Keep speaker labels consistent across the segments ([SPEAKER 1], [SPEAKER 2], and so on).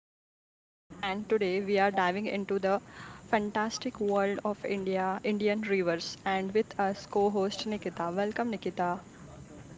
[SPEAKER 1] host, and today we are diving into the fantastic world of India, Indian rivers, and with us co host Nikita. Welcome, Nikita.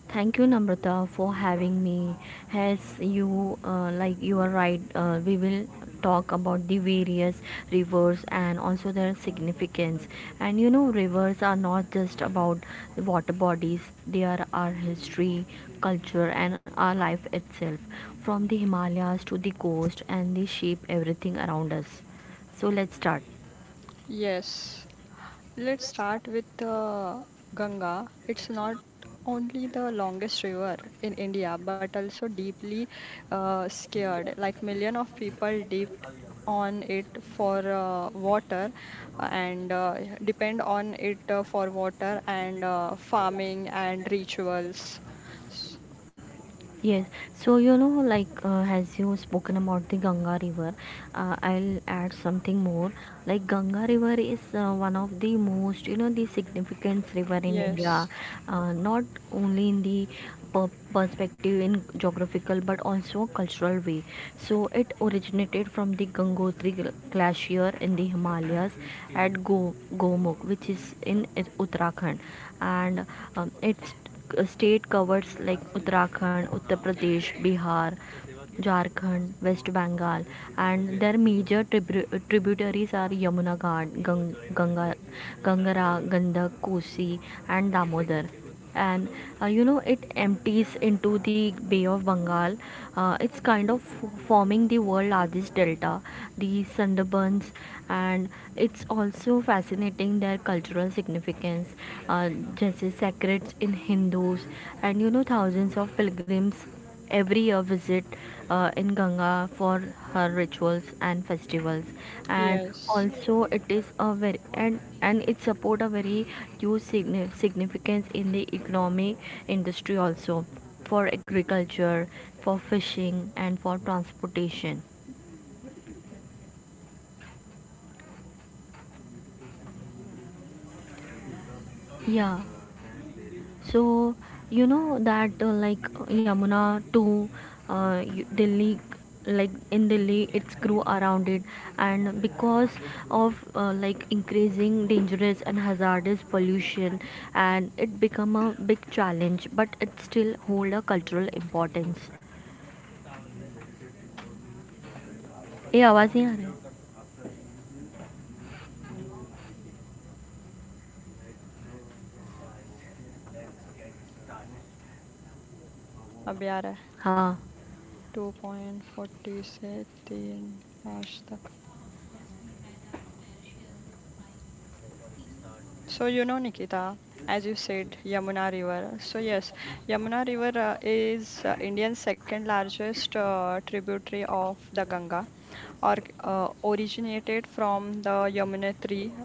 [SPEAKER 2] Thank you, Namrata, for having me. As you you are right. We will talk about the various rivers and also their significance. And you know, rivers are not just about water bodies. They are our history, culture, and our life itself. From the Himalayas to the coast and they shape everything around us. So let's start.
[SPEAKER 1] Yes. Let's start with Ganga. It's not only the longest river in India, but also deeply scared. Like million of people dipped on it for water and depend on it for water and farming and rituals. S-
[SPEAKER 2] Yes, so you know, as you spoken about the Ganga River, I'll add something more. Like Ganga River is one of the most, you know, the significant river in India,
[SPEAKER 1] Yes,
[SPEAKER 2] not only in the perspective in geographical but also cultural way. So it originated from the Gangotri Glacier in the Himalayas at Gomukh, which is in Uttarakhand, and it's state covers like Uttarakhand, Uttar Pradesh, Bihar, Jharkhand, West Bengal, and their major tributaries are Yamuna Ghat, Ganga, Gangara, Gandak, Kosi, and Damodar. And You know, it empties into the Bay of Bengal. It's kind of forming the world largest delta, the Sundarbans, and it's also fascinating their cultural significance, uh, जैसे sacred in Hindus, and you know, thousands of pilgrims every year visit in Ganga for her rituals and festivals and
[SPEAKER 1] yes.
[SPEAKER 2] also it is a very and it support a very huge significance in the economic industry also for agriculture, for fishing, and for transportation. Yeah. So, you know that Yamuna to Delhi, like in Delhi, it's grew around it, and because of increasing dangerous and hazardous pollution, and it become a big challenge, but it still hold a cultural importance. ये आवाज नहीं आ रही
[SPEAKER 1] अभी आ hai.
[SPEAKER 2] हाँ.
[SPEAKER 1] है 2.46 तीन पाँच तक. So, you know, Nikita, as you said, Yamuna River. So, yes, Yamuna River is India's second largest tributary of the Ganga or, originated from the Yamuna tree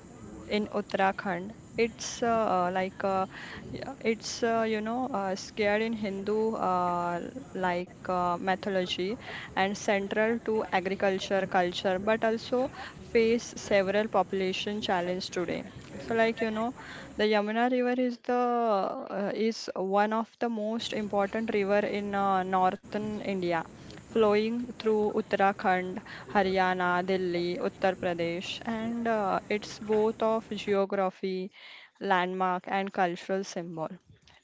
[SPEAKER 1] in Uttarakhand. It's yeah, it's scared in Hindu mythology and central to agriculture culture, but also face several population challenge today. So like you know, the Yamuna River is one of the most important river in northern India flowing through Uttarakhand, Haryana, Delhi, Uttar Pradesh, and it's both of geography, landmark, and cultural symbol.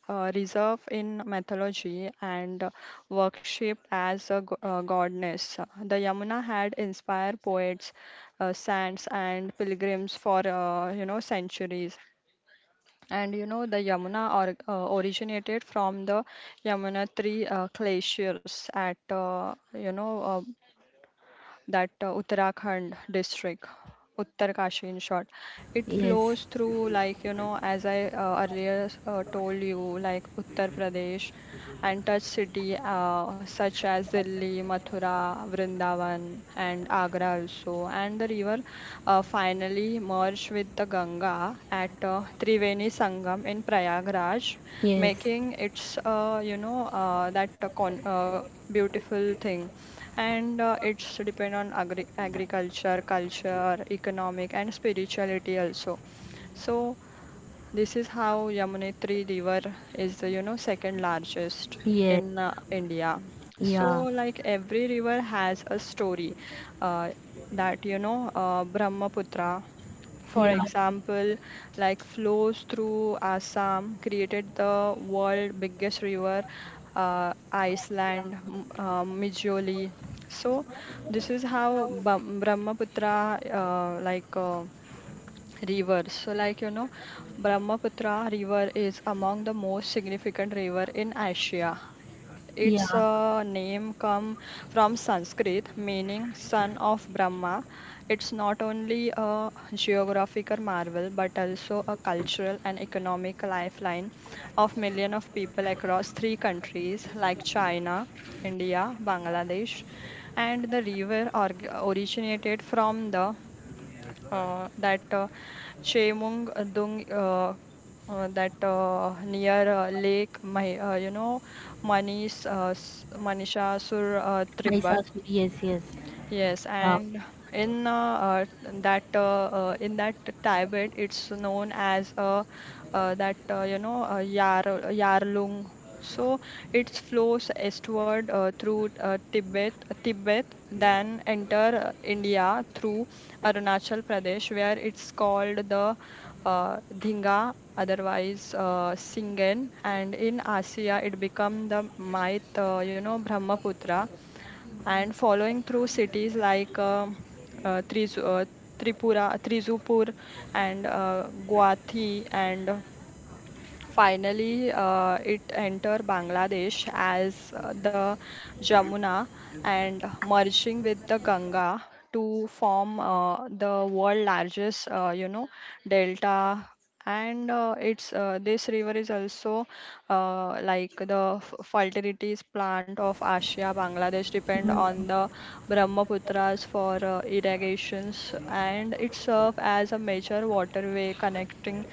[SPEAKER 1] Reserve in mythology and worshipped as a goddess. The Yamuna had inspired poets, saints, and pilgrims for you know centuries. And you know, the Yamuna or, originated from the Yamunotri glaciers at, you know, that Uttarakhand district, Uttarkashi in short. It
[SPEAKER 2] Yes.
[SPEAKER 1] flows through, like, you know, as I earlier told you, like Uttar Pradesh and touch city such as Delhi, Mathura, Vrindavan, and Agra also. And the river finally merged with the Ganga at Triveni Sangam in Prayagraj,
[SPEAKER 2] Yes.
[SPEAKER 1] making its, beautiful thing and it's depend on agriculture culture economic and spirituality also. So this is how Yamunetri River is the, you know, second largest in
[SPEAKER 2] yes.
[SPEAKER 1] India. So,
[SPEAKER 2] Yeah.
[SPEAKER 1] like every river has a story uh, that, you know, Brahmaputra, for
[SPEAKER 2] Yeah.
[SPEAKER 1] example, like flows through Assam, created the world biggest river, Iceland, Mijoli. So, this is how Brahmaputra, river. So like you know, Brahmaputra river is among the most significant river in Asia. Its
[SPEAKER 2] या
[SPEAKER 1] name come from Sanskrit meaning son of Brahma. It's not only a geographical marvel but also a cultural and economic lifeline of millions of people across three countries like China, India, Bangladesh. And the river org originated from the that Chemung Dung, that near Lake, Manish Manisha Sur
[SPEAKER 2] my.
[SPEAKER 1] Tribat.
[SPEAKER 2] Yes. Yes.
[SPEAKER 1] Yes,
[SPEAKER 2] Yeah.
[SPEAKER 1] and in that in that Tibet, it's known as that you know Yar Yarlung. So it flows eastward through Tibet, then enter India through Arunachal Pradesh, where it's called the Dhinga, otherwise Singen, and in Asia it become the Mait, Brahmaputra, and following through cities like Trizu, Tripura, Trizupur, and Guathi, and finally, it entered Bangladesh as the Jamuna and merging with the Ganga to form the world largest, delta. And it's this river is also like the fertilities plant of Asia. Bangladesh depend on the Brahmaputras for irrigations, and it serves as a major waterway connecting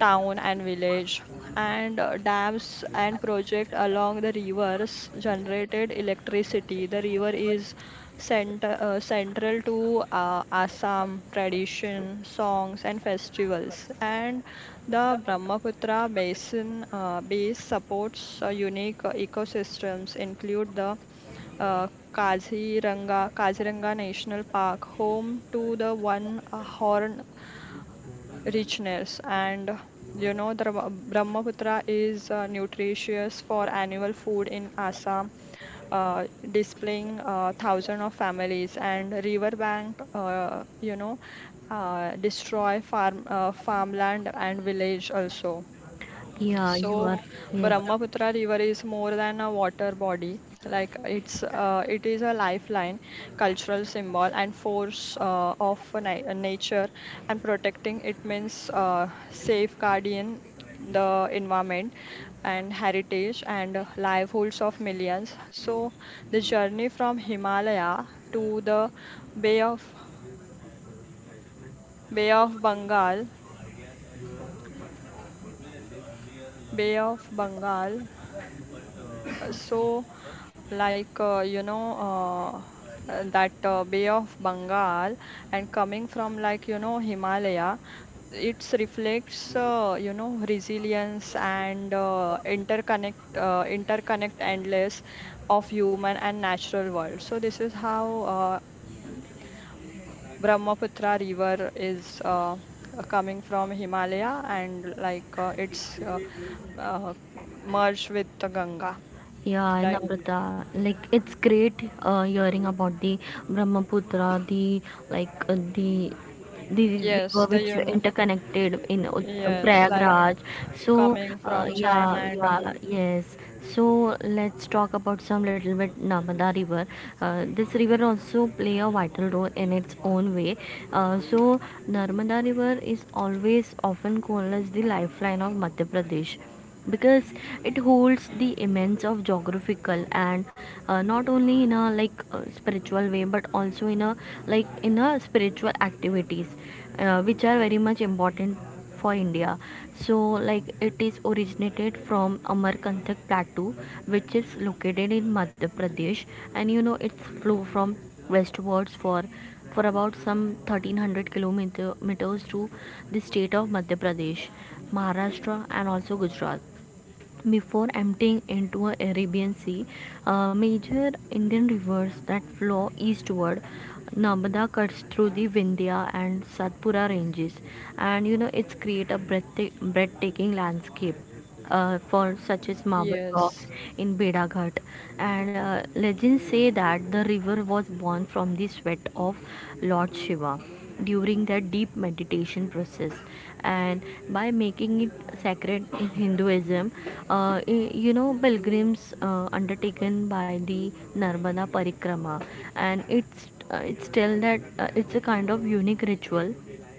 [SPEAKER 1] town and village, and dams and project along the rivers generated electricity. The river is central to Assam tradition, songs, and festivals. And the Brahmaputra basin base supports unique ecosystems, include the uh, Kaziranga National Park, home to the one horn richness. And you know the brahmaputra is nutritious for annual food in Assam, uh, displaying thousands of families and riverbank, destroy farmland and village also.
[SPEAKER 2] Yeah, you
[SPEAKER 1] So,
[SPEAKER 2] are. Yes.
[SPEAKER 1] Brahmaputra River is more than a water body. Like it is a lifeline, cultural symbol, and force of na nature. And protecting it means safeguarding the environment and heritage and livelihoods of millions. So, the journey from Himalaya to the Bay of Bay of Bengal, Bay of Bengal. So, like you know that Bay of Bengal and coming from like you know Himalaya, it reflects resilience and interconnect endless of human and natural world. So this is how Brahmaputra river is coming from Himalaya and like it's uh, merged with the Ganga.
[SPEAKER 2] Yeah,
[SPEAKER 1] Like
[SPEAKER 2] Namrata. Like it's great hearing about the Brahmaputra, the like the
[SPEAKER 1] yes,
[SPEAKER 2] river
[SPEAKER 1] the
[SPEAKER 2] which
[SPEAKER 1] un
[SPEAKER 2] interconnected in
[SPEAKER 1] yes, like
[SPEAKER 2] Prayagraj. So
[SPEAKER 1] coming from China and all.
[SPEAKER 2] yes. So let's talk about some little bit Narmada River. This river also play a vital role in its own way. So Narmada River is always often called as the lifeline of Madhya Pradesh, because it holds the immense of geographical and, not only in a spiritual way but also in a like in a spiritual activities which are very much important for India. So like it is originated from Amarkantak plateau, which is located in Madhya Pradesh, and you know it's flow from westwards for about some 1300 kilometers to the state of Madhya Pradesh, Maharashtra, and also Gujarat. Before emptying into the Arabian Sea, major Indian rivers that flow eastward, Narmada cuts through the Vindhya and Satpura ranges, and you know it's create a breathtaking landscape. For such as marble
[SPEAKER 1] Yes,
[SPEAKER 2] rocks in Bedaghat, and legends say that the river was born from the sweat of Lord Shiva during the deep meditation process and by making it sacred in Hinduism. You know, pilgrims undertaken by the Narmada Parikrama, and it's tell that it's a kind of unique ritual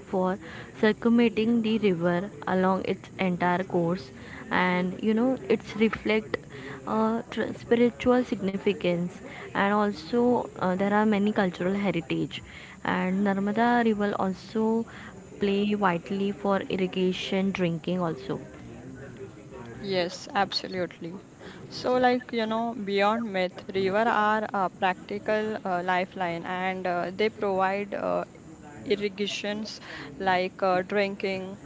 [SPEAKER 2] for circumventing the river along its entire course, and you know it's reflect spiritual significance, and also there are many cultural heritage, and Narmada River also play vitally for irrigation, drinking also.
[SPEAKER 1] yes, absolutely. So, like, you know, beyond myth, river are a practical lifeline and they provide irrigations, like drinking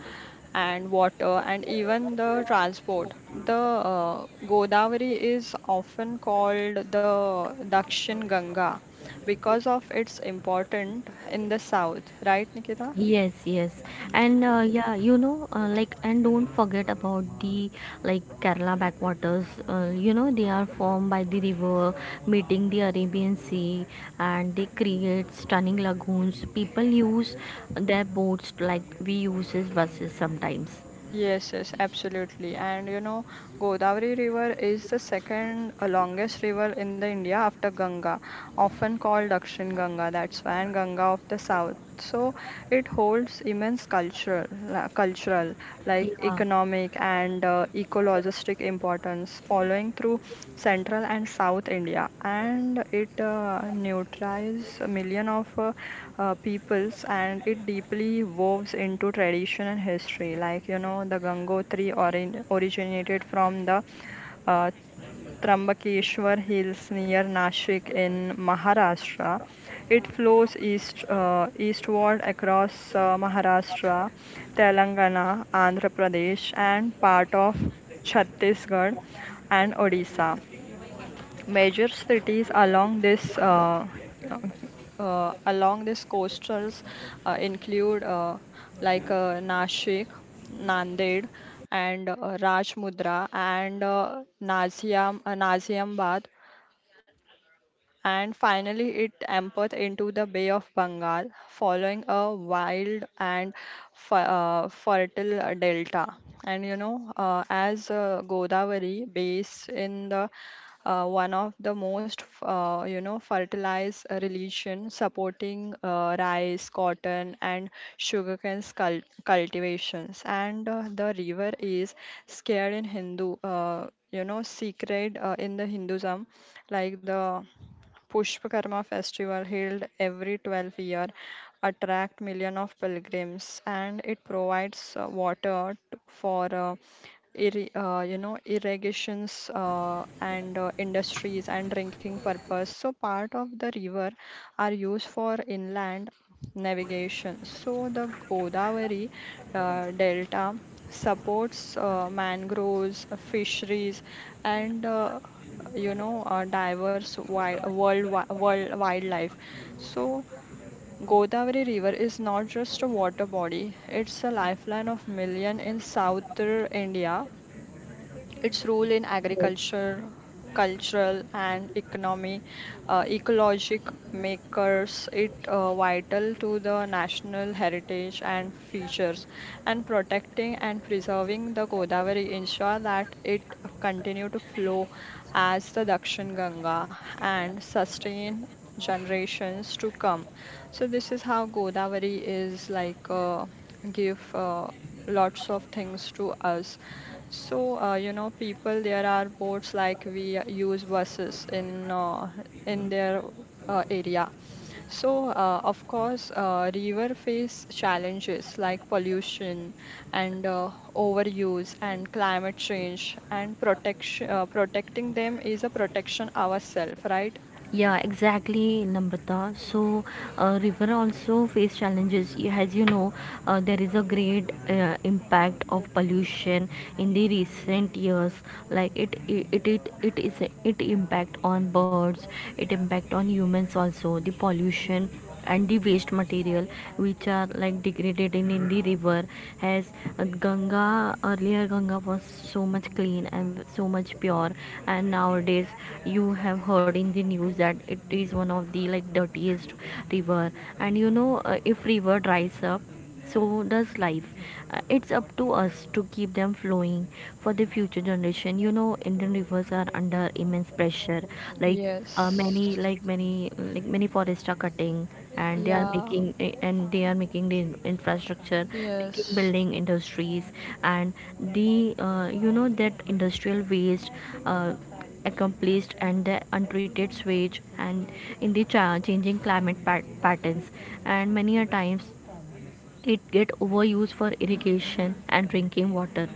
[SPEAKER 1] and water and even the transport. The Godavari is often called the Dakshin Ganga because of its importance in the south, right, Nikita?
[SPEAKER 2] Yes. Yes. And you know and don't forget about the like Kerala backwaters. You know, they are formed by the river meeting the Arabian Sea, and they create stunning lagoons. People use their boats like we uses buses sometimes.
[SPEAKER 1] Yes, yes, absolutely. And you know, Godavari River is the second longest river in the India after Ganga, often called Dakshin Ganga, that's Swan Ganga of the south. So it holds immense cultural, like
[SPEAKER 2] Yeah.
[SPEAKER 1] economic and ecologistic importance. Following through central and south India, and it neutralizes million of peoples, and it deeply woves into tradition and history. Like you know, the Gangotri originated from the uh, Trambakeshwar Hills near Nashik in Maharashtra. It flows eastward across Maharashtra, Telangana, Andhra Pradesh, and part of Chhattisgarh and Odisha. Major cities uh, along this coastals include Nashik, Nanded, and Rajmundra and Naziambad, and finally it ampered into the Bay of Bengal, following a wild and fertile delta. And you know, as Godavari, based in the one of the most fertilized religion supporting rice cotton and sugarcane cultivations, and the river is scared in Hindu, sacred in the Hinduism, like the Pushpakarma festival held every 12-year attract millions of pilgrims, and it provides water for irrigations and industries and drinking purpose. So part of the river are used for inland navigation. So the Godavari delta supports mangroves, fisheries, and diverse world world wildlife. So Godavari river is not just a water body, it's a lifeline of million in southern India. Its role in
[SPEAKER 2] Yes.
[SPEAKER 1] agriculture, cultural, and economy, ecologic, makers it vital to the national heritage and features. And protecting and preserving the Godavari ensure that it continue to flow as the Dakshin Ganga and sustain generations to come. So this is how Godavari is like, give lots of things to us. So, you know, people, there are boats like we use buses in their area. So, of course, river face challenges like pollution and overuse and climate change and protection. Protecting them is a protection ourselves, right?
[SPEAKER 2] Yeah, exactly, Namrata. So, river also face challenges. As you know, there is a great impact of pollution in the recent years. Like it impact on birds. It impact on humans also. The pollution and the waste material which are like degraded in the river, as Ganga, earlier Ganga was so much clean and so much pure, and nowadays you have heard in the news that it is one of the like dirtiest river. And you know, if river dries up, so does life. It's up to us to keep them flowing for the future generation. You know, Indian rivers are under immense pressure. Like, uh,
[SPEAKER 1] Yes.
[SPEAKER 2] many like many many forests are cutting and they are
[SPEAKER 1] Yeah.
[SPEAKER 2] making the infrastructure, making
[SPEAKER 1] Yes.
[SPEAKER 2] building industries, and the, you know, that industrial waste uh, accomplished and the untreated sewage, and in the changing climate patterns, and many a times it get overused for irrigation and drinking water.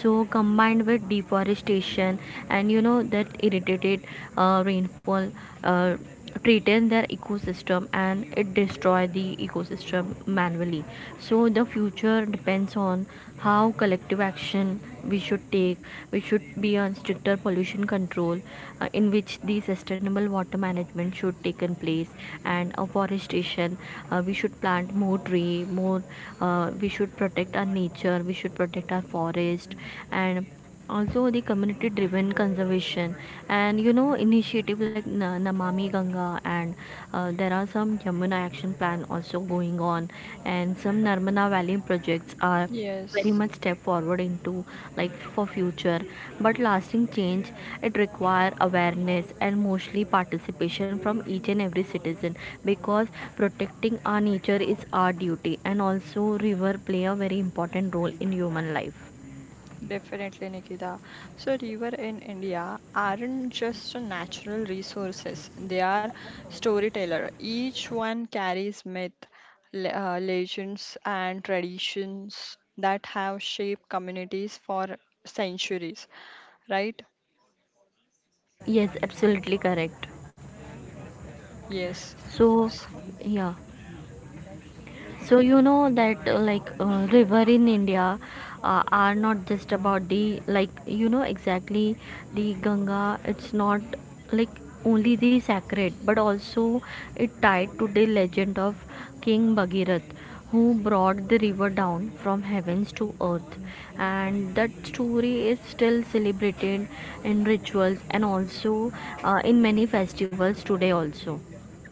[SPEAKER 2] So combined with deforestation and you know that irritated rainfall uh, threaten their ecosystem and it destroy the ecosystem manually. So the future depends on how collective action we should take. We should be on stricter pollution control, in which the sustainable water management should take in place, and afforestation. Uh, we should plant more tree more we should protect our nature, we should protect our forest, and also the community driven conservation. And you know initiative like Namami Ganga, and there are some Yamuna action plan also going on, and some Narmada valley projects are very
[SPEAKER 1] Yes.
[SPEAKER 2] much step forward into like for future. But lasting change, it require awareness and mostly participation from each and every citizen, because protecting our nature is our duty and also river play a very important role in human life.
[SPEAKER 1] Definitely, Nikita. So, river in India aren't just natural resources; they are storyteller. Each one carries myth, legends, and traditions that have shaped communities for centuries. Right?
[SPEAKER 2] Yes, absolutely correct.
[SPEAKER 1] Yes.
[SPEAKER 2] So, yeah. So you know that river in India are not just about the like you know exactly the Ganga. It's not like only the sacred, but also it tied to the legend of King Bhagirath, who brought the river down from heavens to earth, and that story is still celebrated in rituals and also in many festivals today also.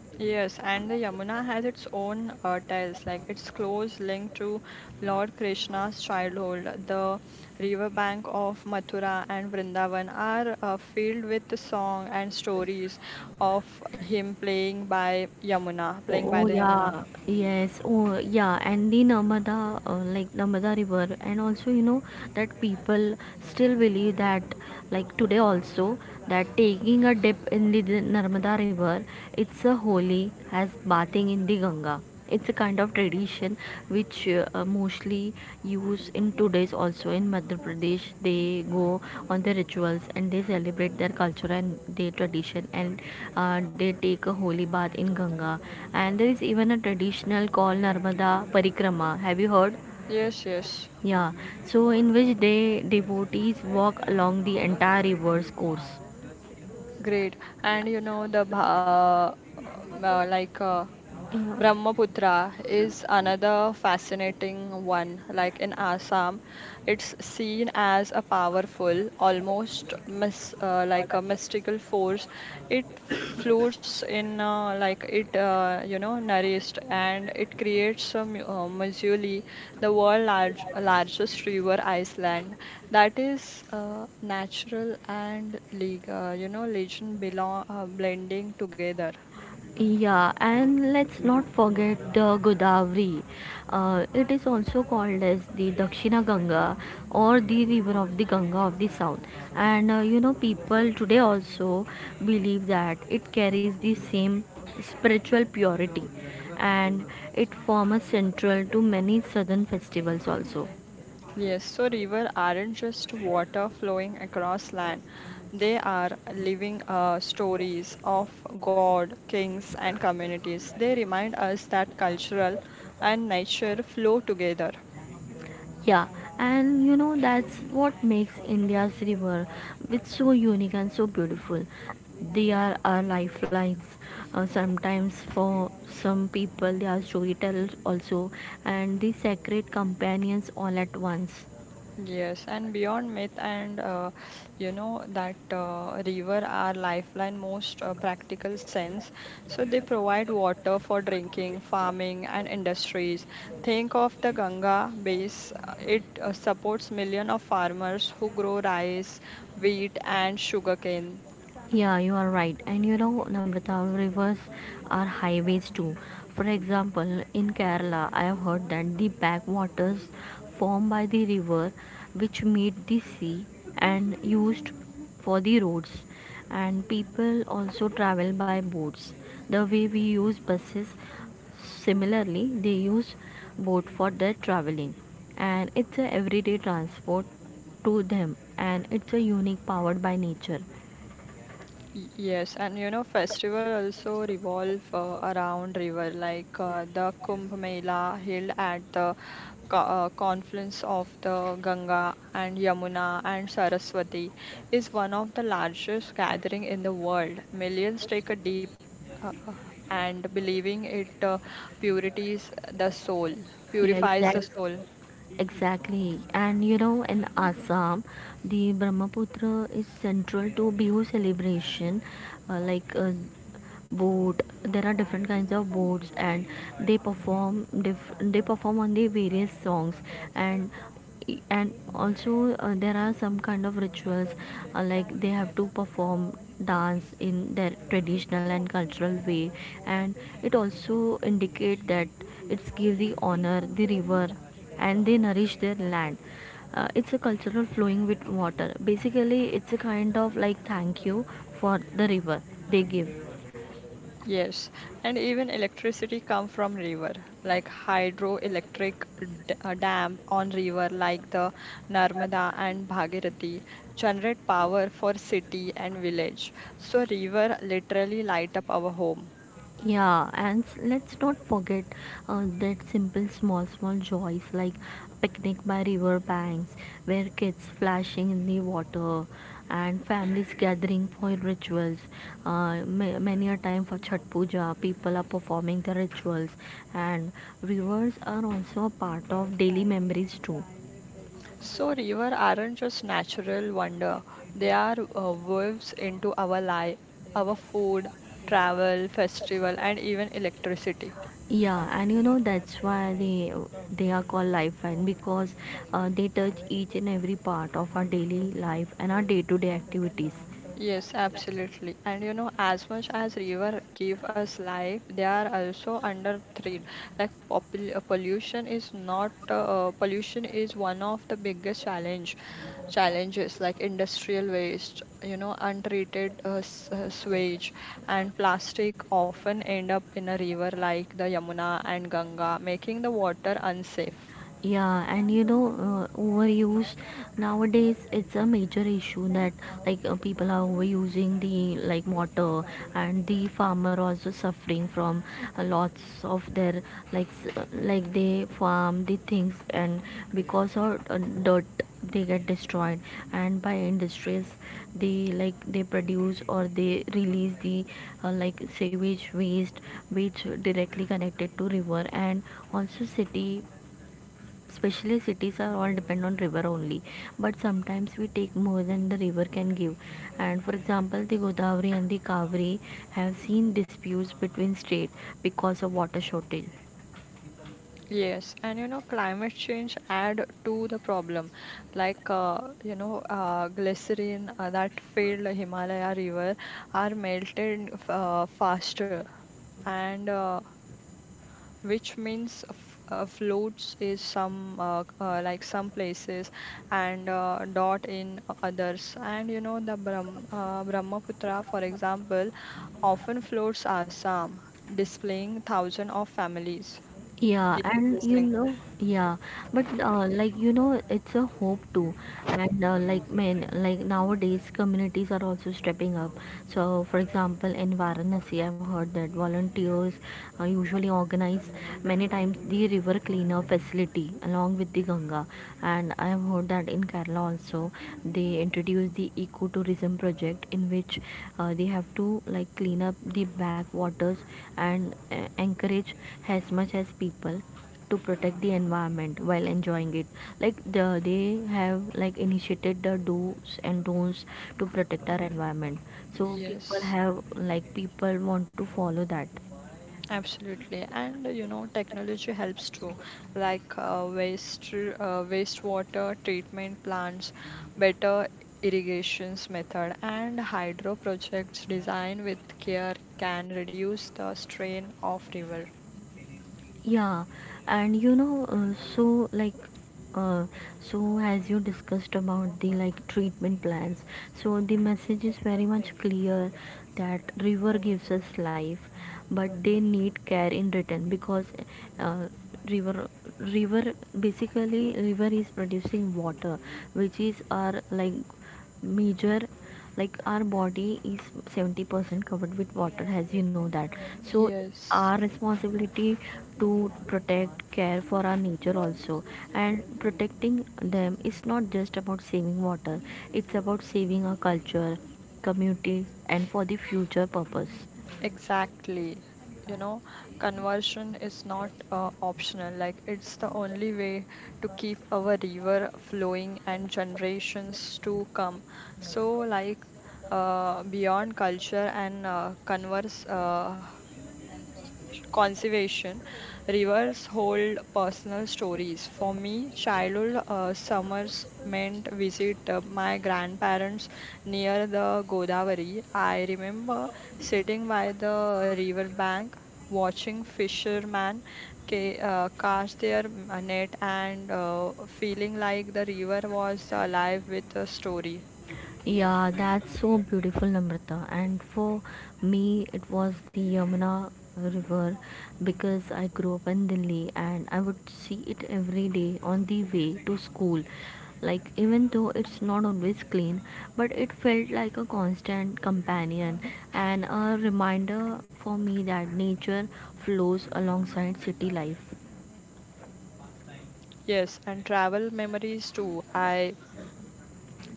[SPEAKER 1] Yes, and the Yamuna has its own tales, like its close link to Lord Krishna's childhood. The riverbank of Mathura and Vrindavan are filled with the song and stories of him playing by Yamuna,
[SPEAKER 2] Oh,
[SPEAKER 1] playing
[SPEAKER 2] right?
[SPEAKER 1] by
[SPEAKER 2] Oh
[SPEAKER 1] the Yamuna.
[SPEAKER 2] yeah, yes. Oh yeah, and the Narmada, Narmada River, and also you know that people still believe that, like today also, that taking a dip in the Narmada River, it's a holy as bathing in the Ganga. It's a kind of tradition which mostly used in today's also in Madhya Pradesh. They go on the rituals and they celebrate their culture and their tradition, and they take a holy bath in Ganga. And there is even a traditional called Narmada Parikrama, have you heard?
[SPEAKER 1] Yes, yes,
[SPEAKER 2] Yeah, so in which they devotees walk along the entire river's course.
[SPEAKER 1] great. And you know the bha- like
[SPEAKER 2] Yeah.
[SPEAKER 1] Brahmaputra is another fascinating one. Like in Assam, it's seen as a powerful, almost like a mystical force. It flows in, like you know, nourished, and it creates a Missouri, the largest river island that is natural and legend belong blending together.
[SPEAKER 2] Yeah, and let's not forget the Godavari. It is also called as the Dakshina Ganga or the river of the Ganga of the South. And you know, people today also believe that it carries the same spiritual purity, and it forms a central to many southern festivals also.
[SPEAKER 1] Yes, so rivers aren't just water flowing across land. They are living stories of God, kings, and communities. They remind us that cultural and nature flow together.
[SPEAKER 2] Yeah, and you know that's what makes India's river it's so unique and so beautiful. They are our lifelines. Sometimes for some people they are storytellers also and the sacred companions all at once.
[SPEAKER 1] Yes, and beyond myth and you know that river are lifeline most practical sense. So they provide water for drinking, farming, and industries. Think of the Ganga base. It supports millions of farmers who grow rice, wheat, and sugarcane.
[SPEAKER 2] Yeah, you are right. And you know, Namrata, rivers are highways too. For example, in Kerala, I have heard that the backwaters formed by the river which meet the sea and used for the roads. And people also travel by boats. The way we use buses, similarly, they use boat for their traveling. And it's a everyday transport to them and it's a unique powered by nature.
[SPEAKER 1] Yes, and you know, festival also revolve around river, like the Kumbh Mela held at the confluence of the Ganga and Yamuna and Saraswati is one of the largest gathering in the world. Millions take a deep, uh, uh, and believing it purities the soul,
[SPEAKER 2] Yeah,
[SPEAKER 1] purifies the
[SPEAKER 2] exactly.
[SPEAKER 1] soul.
[SPEAKER 2] Exactly. And you know, in Assam, the Brahmaputra is central to Bihu celebration. Uh, like uh, Boat, there are different kinds of boats, and they perform on the various songs, and also there are some kind of rituals, like they have to perform dance in their traditional and cultural way, and it also indicate that it's give the honor the river and they nourish their land. It's a cultural flowing with water. Basically, it's a kind of like thank you for the river they give.
[SPEAKER 1] Yes, and even electricity come from river, like hydroelectric dam on river like the Narmada and Bhagirathi generate power for city and village. So river literally light up our home.
[SPEAKER 2] Let's not forget that simple small small joys like picnic by river banks where kids flashing in the water and families gathering for rituals. Many a time for Chhat Puja, people are performing the rituals, and rivers are also a part of daily memories too.
[SPEAKER 1] So river aren't just natural wonder; they are waves into our life, our food, travel, festival, and even electricity.
[SPEAKER 2] Yeah, and you know that's why they are called lifeline because they touch each and every part of our daily life and our day-to-day activities.
[SPEAKER 1] Yes, absolutely. And you know, as much as river give us life, they are also under threat. Like pollution is not pollution is one of the biggest challenges like industrial waste, you know, untreated sewage and plastic often end up in a river like the Yamuna and Ganga, making the water unsafe.
[SPEAKER 2] Yeah, and you know, overuse nowadays, it's a major issue that, people are overusing the, like, water. And the farmer also suffering from lots of their, like, they farm the things and because of dirt, they get destroyed. And by industries, they like, they produce or they release the like sewage waste, which directly connected to river and also city. Especially cities are all depend on river only, but sometimes we take more than the river can give. And for example, the godavari and the kaveri have seen disputes between state because of water shortage.
[SPEAKER 1] Yes, and you know, climate change add to the problem. Like, you know, glycerine that filled the Himalaya river are melted faster, and which means f floats is some like some places and dot in others. And you know, the Brahmaputra, for example, often floats Assam, displaying thousands of families.
[SPEAKER 2] Yeah, and you
[SPEAKER 1] Displacing.
[SPEAKER 2] know, yeah, but like, you know, it's a hope too. And like men, like, nowadays communities are also stepping up. So, for example, in Varanasi, I've heard that volunteers usually organize many times the river cleanup facility along with the Ganga. And I've heard that in Kerala also, they introduced the ecotourism project in which they have to, like, clean up the backwaters and encourage as much as people to protect the environment while enjoying it. Like, they have, like, initiated the do's and don'ts to protect our environment, so people
[SPEAKER 1] Yes,
[SPEAKER 2] have, like, people want to follow that.
[SPEAKER 1] absolutely. And you know, technology helps too, like wastewater treatment plants, better irrigations method, and hydro projects designed with care can reduce the strain of river.
[SPEAKER 2] Yeah, and you know, uh, so as you discussed about the, like, treatment plans, so the message is very much clear that river gives us life, but they need care in return. Because uh, river river, basically river is producing water, which is our, like, major, like, our body is 70% covered with water, as you know that. So
[SPEAKER 1] Yes.
[SPEAKER 2] our responsibility to protect, care for our nature also, and protecting them is not just about saving water, it's about saving our culture, community, and for the future purpose.
[SPEAKER 1] Exactly. You know, conversion is not optional. Like, it's the only way to keep our river flowing and generations to come. So, like, beyond culture and converse. Conservation. Rivers hold personal stories. For me, childhood summers meant visit my grandparents near the Godavari. I remember sitting by the river bank, watching fishermen cast their net and feeling like the river was alive with a story.
[SPEAKER 2] Yeah, that's so beautiful, Namrata. And for me, it was the Yamuna river, because I grew up in Delhi and I would see it every day on the way to school. Like, even though it's not always clean, but it felt like a constant companion and a reminder for me that nature flows alongside city life.
[SPEAKER 1] Yes, and travel memories too. I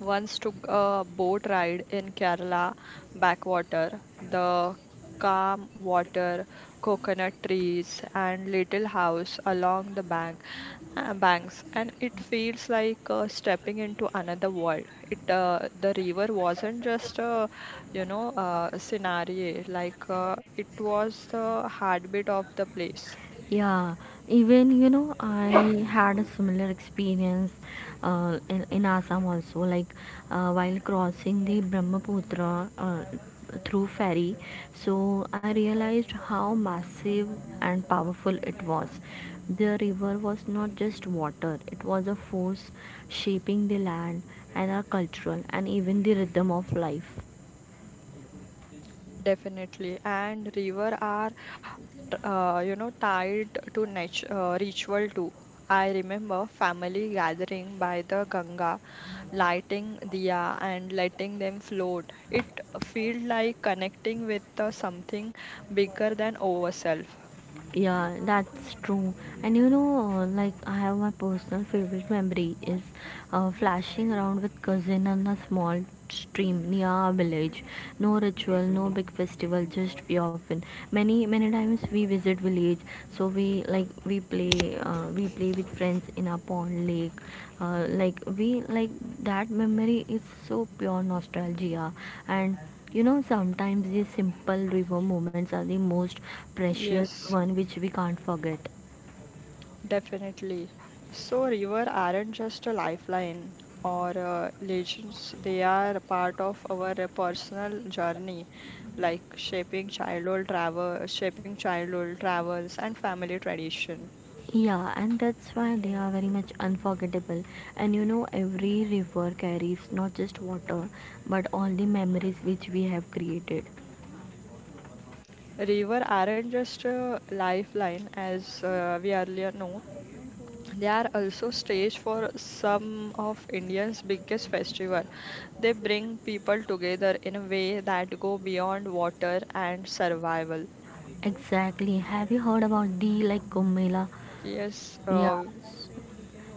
[SPEAKER 1] Once took a boat ride in Kerala backwater. The calm water, coconut trees, and little house along the banks, and it feels like stepping into another world. It The river wasn't just a, you know, scenario. Like it was the heartbeat of the place.
[SPEAKER 2] Yeah, even you know, I had a similar experience in Assam also. Like, while crossing the Brahmaputra through ferry, so I realized how massive and powerful it was. The river was not just water, it was a force shaping the land and our cultural and even the rhythm of life.
[SPEAKER 1] Definitely. And river are you know, tied to ritual too. I remember family gathering by the Ganga, lighting diya and letting them float. It felt like connecting with something bigger than ourselves.
[SPEAKER 2] Yeah, that's true. And you know, like, I have my personal favorite memory is flashing around with cousin on a small stream near our village. No ritual, no big festival, just we often. Many many times we visit village, so we, like, we play with friends in a pond lake. Like, that memory is so pure nostalgia. And you know, sometimes these simple river moments are the most precious
[SPEAKER 1] Yes.
[SPEAKER 2] one, which we can't forget.
[SPEAKER 1] Definitely. So, river aren't just a lifeline or legends, they are a part of our personal journey, like shaping childhood travels and family tradition.
[SPEAKER 2] Yeah, and that's why they are very much unforgettable. And you know, every river carries not just water but all the memories which we have created.
[SPEAKER 1] River aren't just a lifeline, as we earlier know. They are also stage for some of India's biggest festival. They bring people together in a way that go beyond water and survival.
[SPEAKER 2] Exactly. Have you heard about the, like, Kumbh Mela?
[SPEAKER 1] Yes,
[SPEAKER 2] Yeah.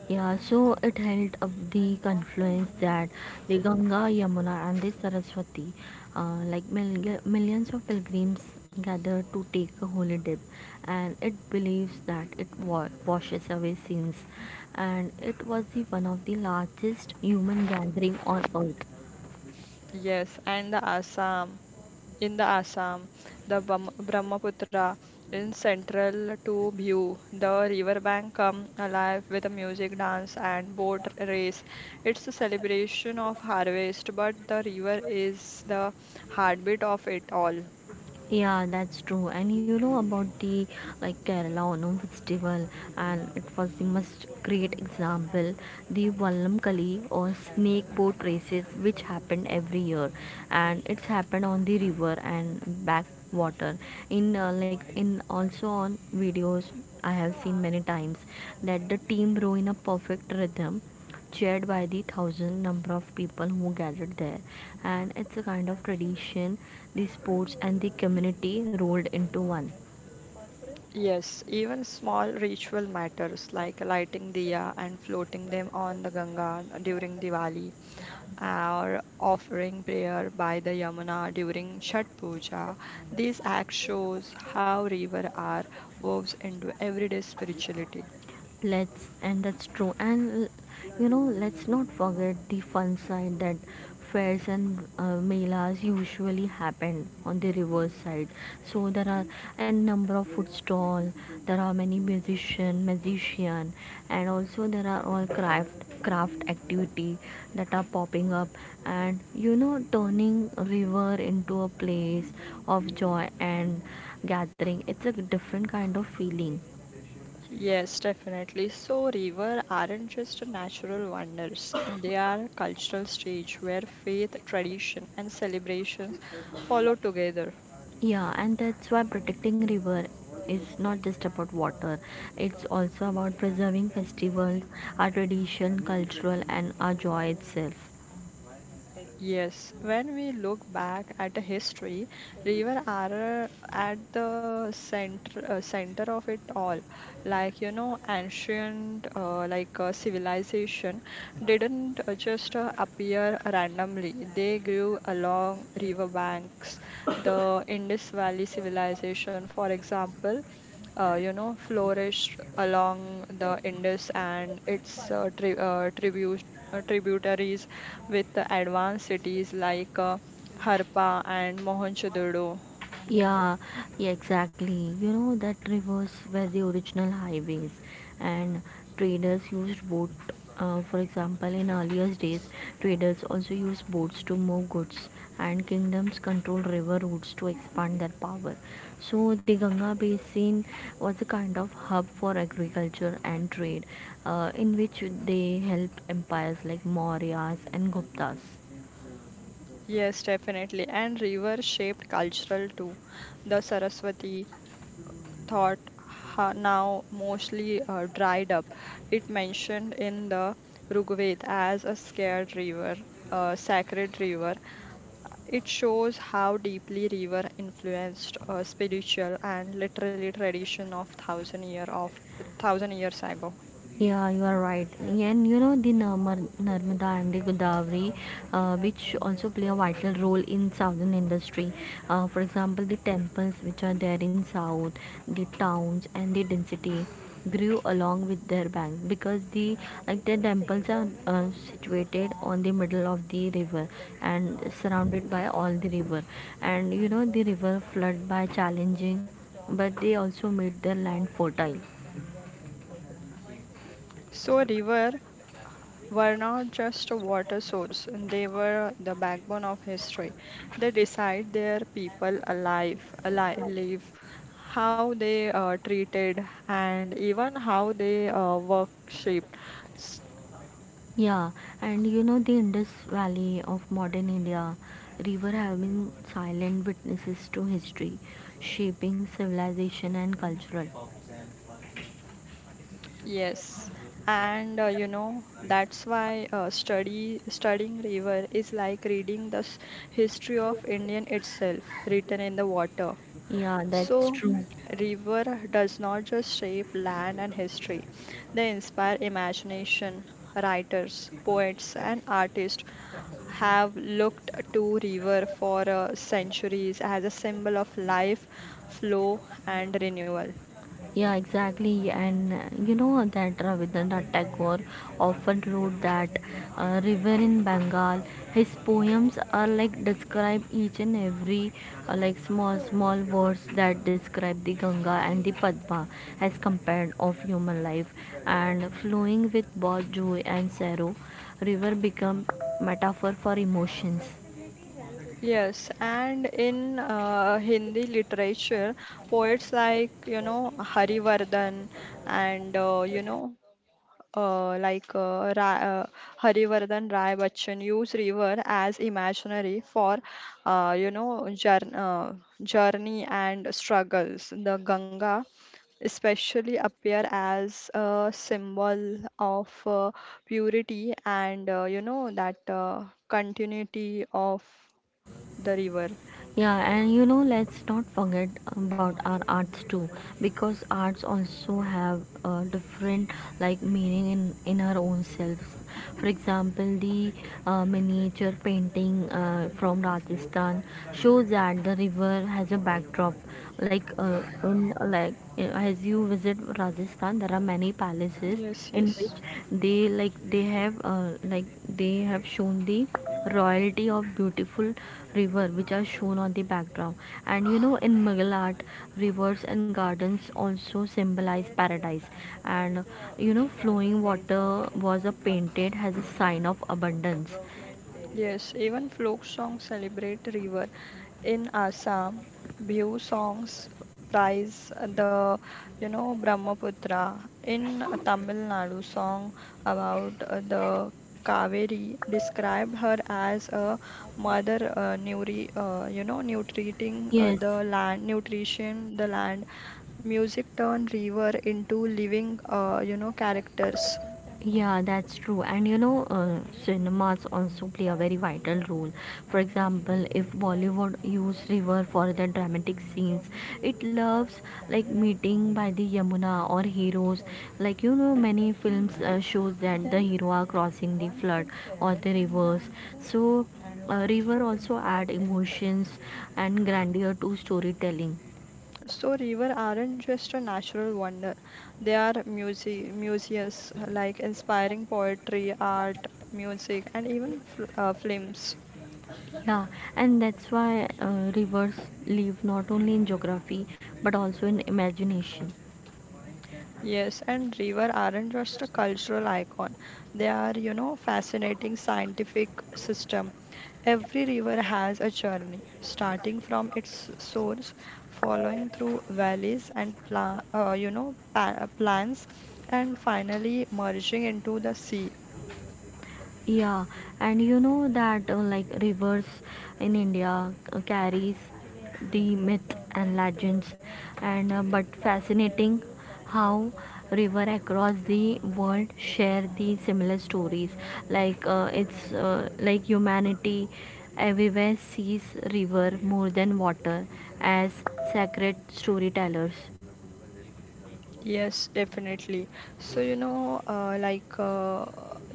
[SPEAKER 2] Yeah, so it held up the confluence that the Ganga, Yamuna, and the Saraswati, like, millions of pilgrims gather to take a holy dip, and it believes that it washes away sins, and it was the one of the largest human gathering on earth.
[SPEAKER 1] yes, in the Assam, the Bam Brahmaputra in central to view. The riverbank come alive with a music, dance, and boat race. It's a celebration of harvest, but the river is the heartbeat of it all.
[SPEAKER 2] Yeah, that's true. And you know about the, like, Kerala Onam festival, and it was the most great example, the Vallamkali or snake boat races, which happened every year, and it's happened on the river and backwater. In also on videos, I have seen many times that the team row in a perfect rhythm shared by the thousand number of people who gathered there, and it's a kind of tradition, the sports and the community rolled into one.
[SPEAKER 1] Yes, even small ritual matters like lighting diya and floating them on the Ganga during Diwali, or offering prayer by the Yamuna during Chhat Puja. This act shows how river are woven into everyday spirituality.
[SPEAKER 2] Let's, and that's true. And you know, let's not forget the fun side, that fairs and melas usually happen on the river side. So there are a number of food stall, there are many musician, magician, and also there are all craft activity that are popping up. And you know, turning river into a place of joy and gathering, it's a different kind of feeling.
[SPEAKER 1] Yes, definitely. So river aren't just natural wonders. They are cultural stage where faith, tradition and celebrations follow together.
[SPEAKER 2] Yeah, and that's why protecting river is not just about water. It's also about preserving festivals, our tradition, cultural, and our joy itself.
[SPEAKER 1] Yes, when we look back at the history, river are at the center of it all. Like you know, ancient civilization didn't just appear randomly. They grew along river banks. The Indus Valley civilization, for example, you know, flourished along the Indus and its tributaries with the advanced cities like Harpa and Mohenjo-daro.
[SPEAKER 2] Yeah, yeah, exactly. You know that rivers were the original highways, and traders used boat. For example, in earlier days, ways. Traders also used boats to move goods, and kingdoms controlled river routes to expand their power. So, the Ganga basin was a kind of hub for agriculture and trade, in which they helped empires like Mauryas and Guptas.
[SPEAKER 1] Yes, definitely. And river shaped cultural too. The Saraswati now mostly dried up. It mentioned in the Rigveda as a scared river, a sacred river. It shows how deeply river influenced a spiritual and literary tradition of thousand years ago.
[SPEAKER 2] Yeah, you are right. And you know the Narmar Narmada and the Godavari, which also play a vital role in southern industry. For example, the temples which are there in south, the towns and the density grew along with their bank, because the like, the temples are situated on the middle of the river and surrounded by all the river. And you know, the river flood by challenging, but they also made their land fertile.
[SPEAKER 1] So river were not just a water source; they were the backbone of history. They decide their people live, how they treated, and even how they worshipped.
[SPEAKER 2] Yeah, and you know, the Indus Valley of modern India, river have been silent witnesses to history, shaping civilization and cultural.
[SPEAKER 1] Yes, and you know that's why studying river is like reading the history of Indian itself written in the water.
[SPEAKER 2] Yeah, that's
[SPEAKER 1] So,
[SPEAKER 2] true.
[SPEAKER 1] river does not just shape land and history; they inspire imagination. Writers, poets, and artists have looked to river for centuries as a symbol of life, flow, and renewal.
[SPEAKER 2] Yeah, exactly. And you know that Rabindranath Tagore often wrote that river in Bengal. His poems are like describe each and every like, small small words that describe the Ganga and the Padma as compared of human life and flowing with both joy and sorrow. River become metaphor for emotions.
[SPEAKER 1] Yes, and in Hindi literature, poets like, you know, Harivardhan and, you know, like Ra Harivardhan Rai Bachchan use river as imaginary for, you know, journey and struggles. The Ganga especially appear as a symbol of purity and, you know, that continuity of the river.
[SPEAKER 2] Yeah, and you know, let's not forget about our arts too, because arts also have different, like, meaning in our own selves. For example, the miniature painting from Rajasthan shows that the river has a backdrop. Like in like as you visit Rajasthan, there are many palaces
[SPEAKER 1] Yes,
[SPEAKER 2] in
[SPEAKER 1] yes.
[SPEAKER 2] which they like, they have, they have shown the royalty of beautiful river which are shown on the background. And you know, in mughal art, rivers and gardens also symbolize paradise. And you know, flowing water was a painted as a sign of abundance.
[SPEAKER 1] Yes, even folk songs celebrate river. In Assam, Bihu songs prize the, you know, Brahmaputra. In Tamil Nadu, song about the Kaveri described her as a mother, you know,
[SPEAKER 2] Yes.
[SPEAKER 1] nutrition, the land. Music turned river into living, you know, characters.
[SPEAKER 2] Yeah, that's true. And you know, cinemas also play a very vital role. For example, if Bollywood use river for their dramatic scenes, it loves like meeting by the Yamuna or heroes. Like, you know, many films shows that the hero are crossing the flood or the rivers. So, river also add emotions and grandeur to storytelling.
[SPEAKER 1] So river aren't just a natural wonder. They are museums like inspiring poetry, art, music, and even fl films.
[SPEAKER 2] Yeah, and that's why rivers live not only in geography but also in imagination.
[SPEAKER 1] Yes, and river aren't just a cultural icon. They are, you know, fascinating scientific system. Every river has a journey, starting from its source, following through valleys and pla you know, pa plans, and finally merging into the sea.
[SPEAKER 2] Yeah, and you know that like, rivers in India carries the myth and legends, and but fascinating how river across the world share the similar stories. Like humanity everywhere sees river more than water as sacred storytellers.
[SPEAKER 1] Yes, definitely. So you know,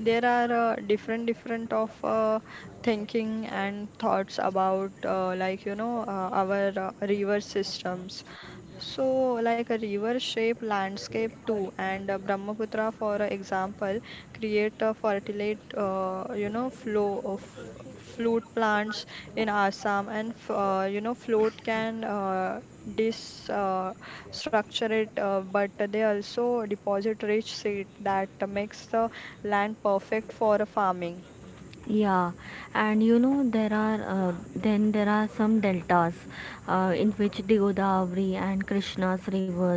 [SPEAKER 1] there are different different of thinking and thoughts about our river systems. So like a river shape landscape too, and Brahmaputra, for example, create a fertility you know flow of fruit plants in Assam, and you know float can dis. Structure it, but they also deposit rich seed that makes the land perfect for farming.
[SPEAKER 2] Yeah, and you know, there are then there are some deltas in which the Godavari and Krishna's rivers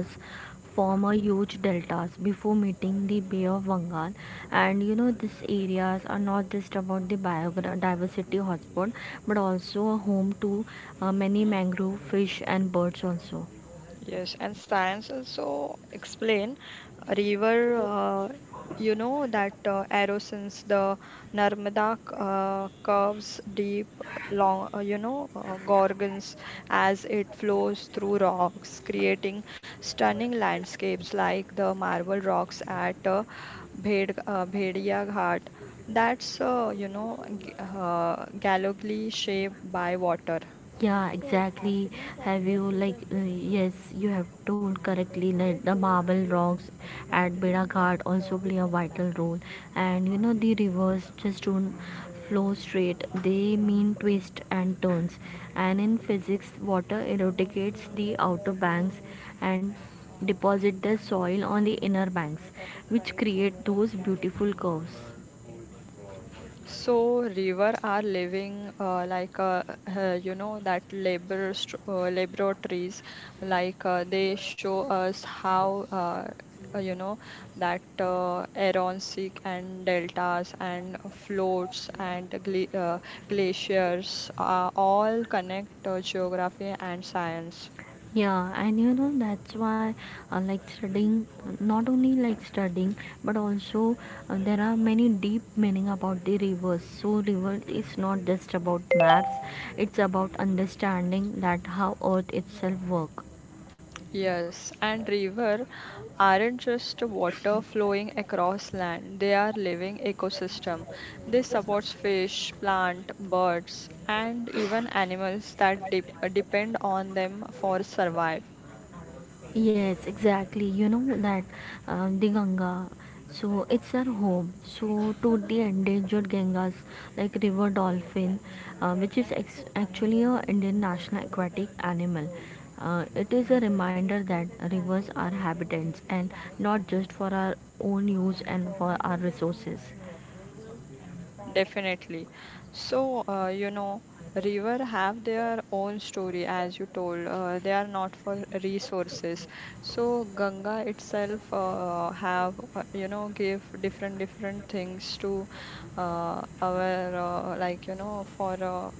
[SPEAKER 2] form a huge deltas before meeting the Bay of Bengal. And you know, these areas are not just about the biodiversity hotspot, but also a home to many mangrove fish and birds also.
[SPEAKER 1] Yes, and science also explain river. You know that erosions, the Narmada curves deep, long. You know gorgons as it flows through rocks, creating stunning landscapes like the marble rocks at Bhedia Ghat. That's you know gallantly shaped by water.
[SPEAKER 2] Yeah, exactly. Have you like yes, you have told correctly that the marble rocks at Beda Ghat also play a vital role. And you know, the rivers just don't flow straight; they mean twists and turns. And in physics, water erodicates the outer banks and deposit the soil on the inner banks, which create those beautiful curves.
[SPEAKER 1] So river are living you know that laboratories like they show us how you know that Aronsick and deltas and floats and glaciers all connect geography and science.
[SPEAKER 2] Yeah, and you know, that's why studying, not only like studying, but also there are many deep meaning about the rivers. So river is not just about maps, it's about understanding that how earth itself work.
[SPEAKER 1] Yes, and river aren't just water flowing across land. They are living ecosystem. They supports fish, plant, birds, and even animals that depend on them for survive.
[SPEAKER 2] Yes, exactly. You know that the Ganga, so it's our home. So to the endangered Gangas like river dolphin, which is actually a Indian national aquatic animal. It is a reminder that rivers are habitats and not just for our own use and for our resources.
[SPEAKER 1] Definitely. So, you know, river have their own story, as you told. They are not for resources. So, Ganga itself have you know give different different things to our like you know for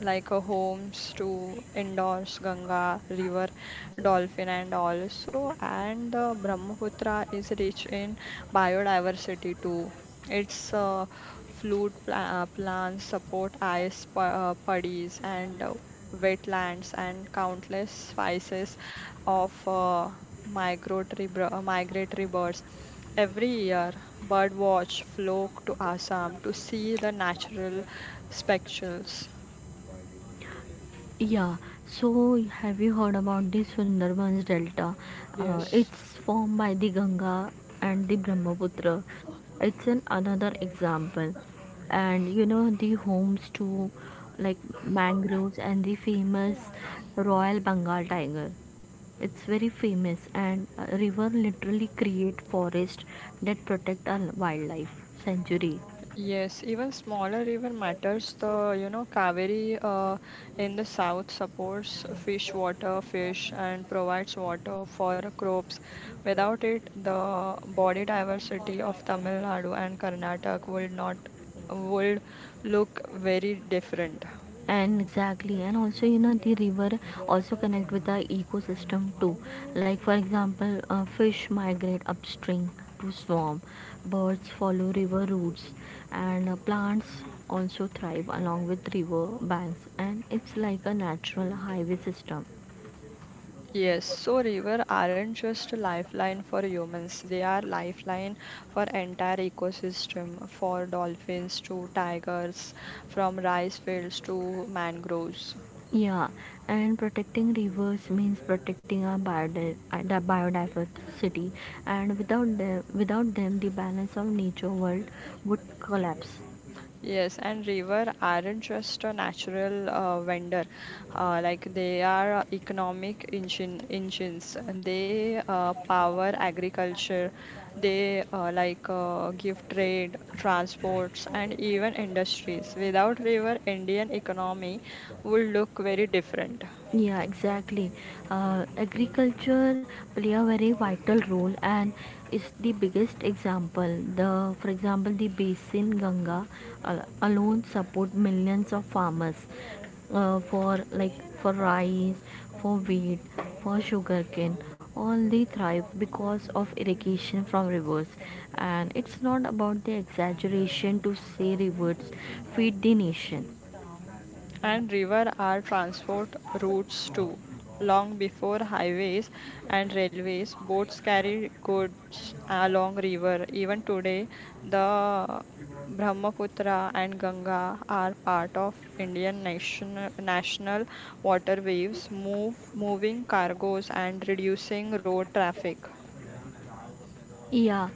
[SPEAKER 1] like a homes to endorse Ganga river, dolphin and all. So and Brahmaputra is rich in biodiversity too. Its fluid plants support ice puddies and wetlands and countless species of migratory birds. Every year, bird watch flock to Assam to see the natural spectacles.
[SPEAKER 2] Yeah, so have you heard about the Sundarbans Delta?
[SPEAKER 1] Yes,
[SPEAKER 2] It's formed by the Ganga and the Brahmaputra. It's an another example, and you know, the homes to, like, mangroves and the famous Royal Bengal tiger. It's very famous, and a river literally create forest that protect our wildlife sanctuary.
[SPEAKER 1] yes. Even smaller river matters. The you know Kaveri in the south supports fish water, fish, and provides water for crops. Without it, the body diversity of Tamil Nadu and Karnataka would not would look very different.
[SPEAKER 2] And exactly, and also you know the river also connect with the ecosystem too, like, for example, fish migrate upstream to swamp, birds follow river routes, and plants also thrive along with river banks, and it's like a natural highway system.
[SPEAKER 1] Yes, so river aren't just a lifeline for humans, they are lifeline for entire ecosystem, for dolphins to tigers, from rice fields to mangroves.
[SPEAKER 2] Yeah, and protecting rivers means protecting our the biodiversity. And without them, the balance of nature world would collapse.
[SPEAKER 1] Yes, and river aren't just a natural vendor. Like they are engines. They power agriculture. They give trade, transports, and even industries. Without river, Indian economy would look very different.
[SPEAKER 2] Yeah, exactly. Agriculture play a very vital role and is the biggest example. The, for example, the basin Ganga alone support millions of farmers for, like, for rice, for wheat, for sugarcane. All they thrive because of irrigation from rivers, and it's not about the exaggeration to say rivers feed the nation.
[SPEAKER 1] And river are transport routes too. Long before highways and railways, boats carried goods along river. Even today, the Brahmaputra and Ganga are part of Indian national waterways, move moving cargoes and reducing road traffic.
[SPEAKER 2] Yeah,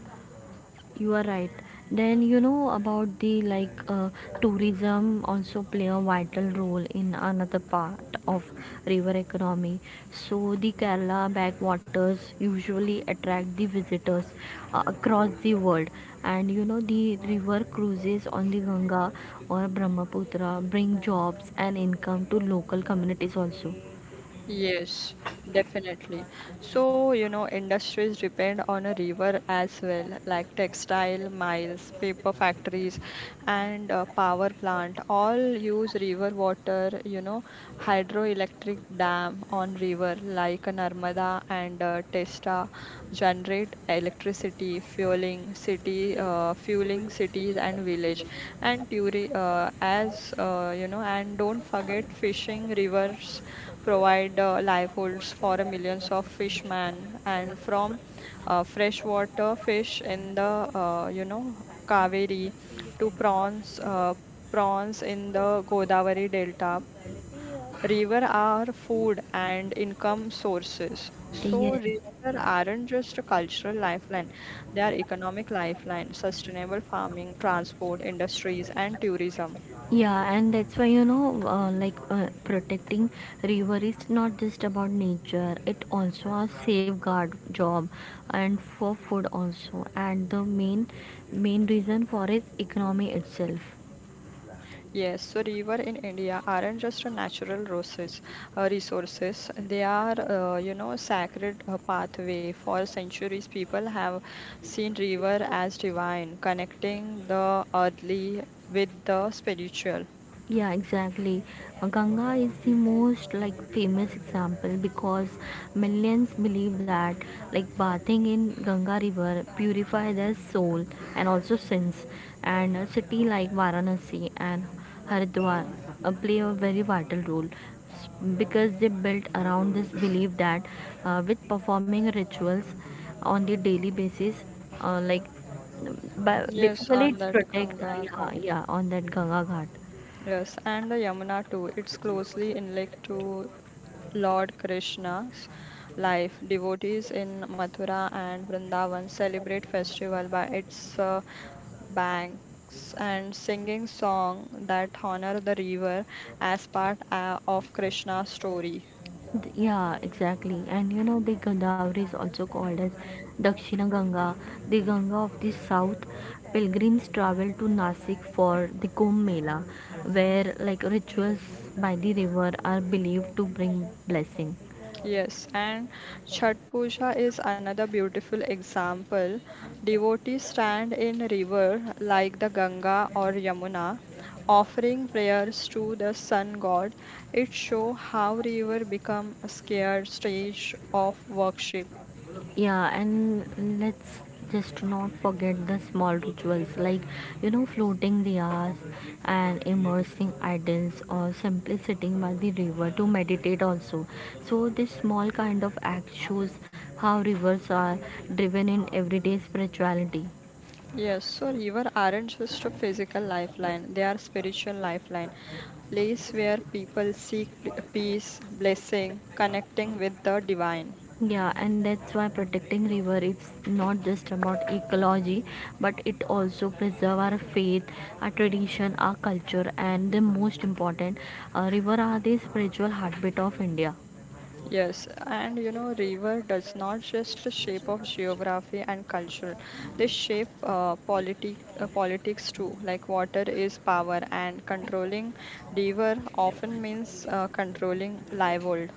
[SPEAKER 2] you are right. then you know about the like Tourism also play a vital role in another part of river economy. So the Kerala backwaters usually attract the visitors across the world. And you know, the river cruises on the Ganga or Brahmaputra bring jobs and income to local communities also.
[SPEAKER 1] Yes, definitely. So, you know, industries depend on a river as well, like textile mills, paper factories, and power plant. All use river water, you know, hydroelectric dam on river like Narmada and Testa generate electricity, fueling cities and village. And turi as you know, and don't forget fishing rivers provide livelihoods for millions of fishmen and from freshwater fish in the you know Kaveri to prawns in the Godavari delta. River are food and income sources, so
[SPEAKER 2] Yes, yes.
[SPEAKER 1] river aren't just a cultural lifeline, they are economic lifeline, sustainable farming, transport, industries and tourism.
[SPEAKER 2] Yeah, and that's why, protecting river is not just about nature; it also a safeguard job, and for food also. And the main reason for is economy itself.
[SPEAKER 1] Yes, so river in India aren't just a natural resources. They are, you know, sacred pathway. For centuries, people have seen river as divine, connecting the earthly with the spiritual.
[SPEAKER 2] Yeah, exactly. Ganga is the most like famous example because millions believe that like bathing in Ganga river purify their soul and also sins. And a city like Varanasi and Haridwar play a very vital role s- because they built around this belief that with performing rituals on the daily basis, uh, like but
[SPEAKER 1] Yes,
[SPEAKER 2] basically
[SPEAKER 1] on
[SPEAKER 2] it's
[SPEAKER 1] that
[SPEAKER 2] protect
[SPEAKER 1] Ganga
[SPEAKER 2] yeah,
[SPEAKER 1] Ghat.
[SPEAKER 2] yeah, on that Ganga Ghat.
[SPEAKER 1] Yes, and the Yamuna too. It's closely linked to Lord Krishna's life. Devotees in Mathura and Vrindavan celebrate festival by its banks and singing songs that honor the river as part of Krishna's story.
[SPEAKER 2] Yeah, exactly. And you know, the Godavari is also called as Dakshina Ganga, the Ganga of the South. Pilgrims travel to Nasik for the Kumbh Mela, where like rituals by the river are believed to bring blessing.
[SPEAKER 1] Yes, and Chhat Puja is another beautiful example. Devotees stand in river like the Ganga or Yamuna, offering prayers to the sun god. It shows how river become a scared stage of worship.
[SPEAKER 2] Yeah, and let's just not forget the small rituals like, you know, floating the hours and immersing idols or simply sitting by the river to meditate also. So, this small kind of act shows how rivers are driven in everyday spirituality.
[SPEAKER 1] Yes, so river aren't just a physical lifeline, they are spiritual lifeline. Place where people seek peace, blessing, connecting with the divine.
[SPEAKER 2] Yeah, and that's why protecting river is not just about ecology, but it also preserve our faith, our tradition, our culture, and the most important, river are the spiritual heartbeat of India.
[SPEAKER 1] Yes, and you know, river does not just shape of geography and culture; they shape politics too. Like water is power, and controlling river often means controlling livelihood.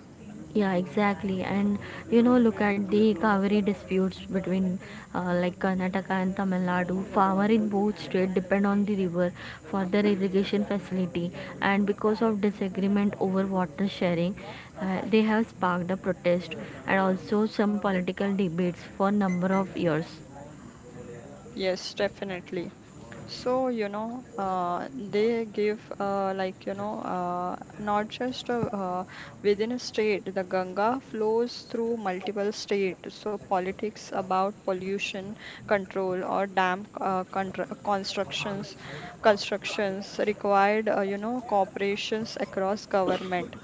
[SPEAKER 2] Yeah, exactly. And you know, look at the Kaveri disputes between Karnataka and Tamil Nadu. Farmer in both states depend on the river for their irrigation facility, and because of disagreement over water sharing, they have sparked a protest and also some political debates for number of years.
[SPEAKER 1] Yes, definitely. So, you know, they give like, you know, not just within a state, the Ganga flows through multiple states. So, politics about pollution control or dam contra constructions, constructions required, you know, cooperations across government.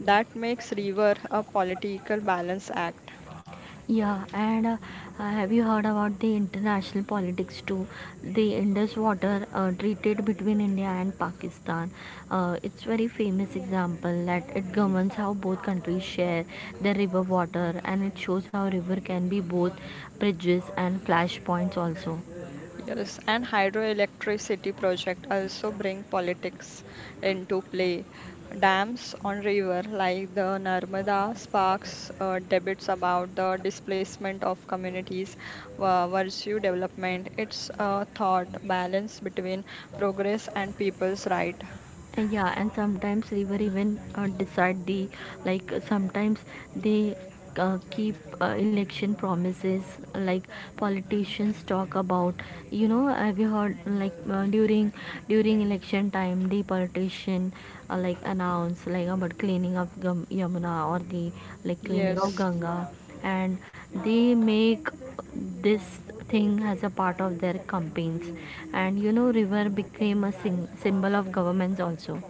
[SPEAKER 1] That makes river a political balance act.
[SPEAKER 2] Yeah, and have you heard about the international politics too? The Indus water treated between India and Pakistan. It's very famous example that it governs how both countries share their river water, and it shows how river can be both bridges and flashpoints also.
[SPEAKER 1] Yes, and hydroelectricity project also bring politics into play. Dams on river like the Narmada sparks debates about the displacement of communities, virtue development. It's a thought balance between progress and people's right.
[SPEAKER 2] Yeah, and sometimes river even decide the sometimes they keep election promises, like politicians talk about. You know, have you heard, during election time the politician announce like about cleaning of Yamuna or the like cleaning of
[SPEAKER 1] Yes,
[SPEAKER 2] Ganga, and they make this thing as a part of their campaigns. And you know, river became a symbol of governments also.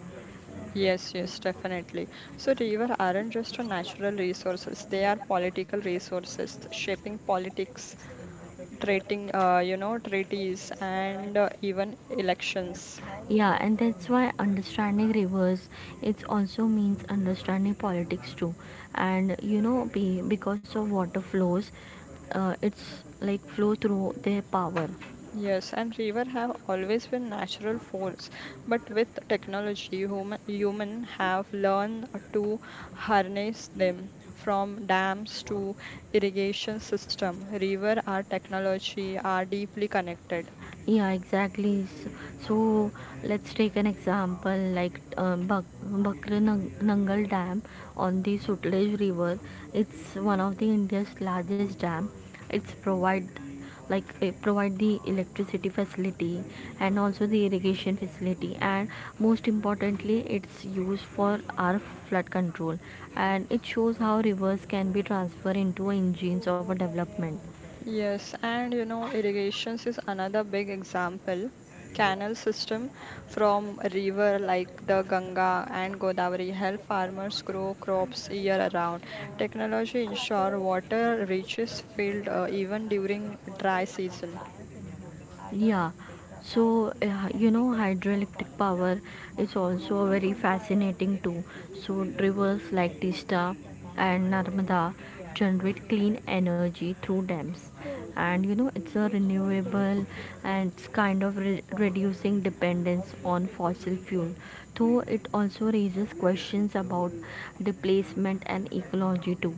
[SPEAKER 1] yes, definitely. So river aren't just a natural resources, they are political resources shaping politics treating you know treaties and even elections.
[SPEAKER 2] Yeah, and that's why understanding rivers, it also means understanding politics too. And you know, because of water flows, it's like flow through their power.
[SPEAKER 1] Yes, and river have always been natural force, but with technology human have learned to harness them. From dams to irrigation system, river are technology are deeply connected.
[SPEAKER 2] Yeah, exactly. So let's take an example like Bakra Nangal Dam on the Sutlej River. It's one of the India's largest dam. It's provide it provide the electricity facility and also the irrigation facility, and most importantly it's used for our flood control. And it shows how rivers can be transferred into engines of a development.
[SPEAKER 1] Yes, and you know, irrigations is another big example. Canal system from river like the Ganga and Godavari help farmers grow crops year around. Technology ensure water reaches field even during dry season.
[SPEAKER 2] Yeah, so you know, hydroelectric power is also a very fascinating too. So, rivers like Tista and Narmada generate clean energy through dams, and you know, it's a renewable and it's kind of reducing dependence on fossil fuel. Though it also raises questions about displacement and ecology too.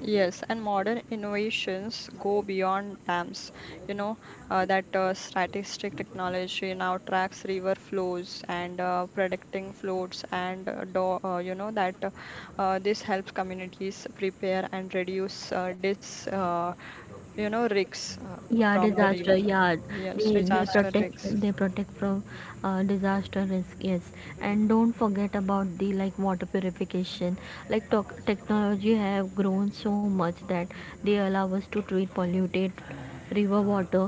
[SPEAKER 1] Yes, and modern innovations go beyond dams. You know, that statistic technology now tracks river flows and predicting floods, and you know, that this helps communities prepare and reduce you know, risks
[SPEAKER 2] Yeah,
[SPEAKER 1] from the
[SPEAKER 2] disaster,
[SPEAKER 1] river.
[SPEAKER 2] yeah.
[SPEAKER 1] Yes,
[SPEAKER 2] they they
[SPEAKER 1] disaster
[SPEAKER 2] protect
[SPEAKER 1] risks.
[SPEAKER 2] they protect from disaster risk, yes. And don't forget about the like water purification, like talk, technology have grown so much that they allow us to treat polluted river water,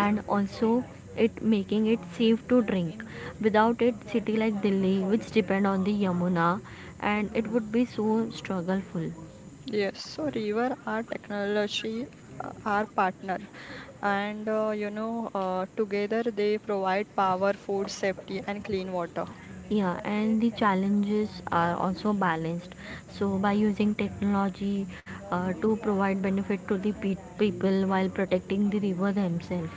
[SPEAKER 2] and also it making it safe to drink. Without it, city like Delhi which depend on the Yamuna, and it would be so struggleful.
[SPEAKER 1] Yes, so river are technology, our partner. And you know, together they provide power, food, safety, and clean water.
[SPEAKER 2] Yeah, and the challenges are also balanced. So, by using technology to provide benefit to the people while protecting the river themselves.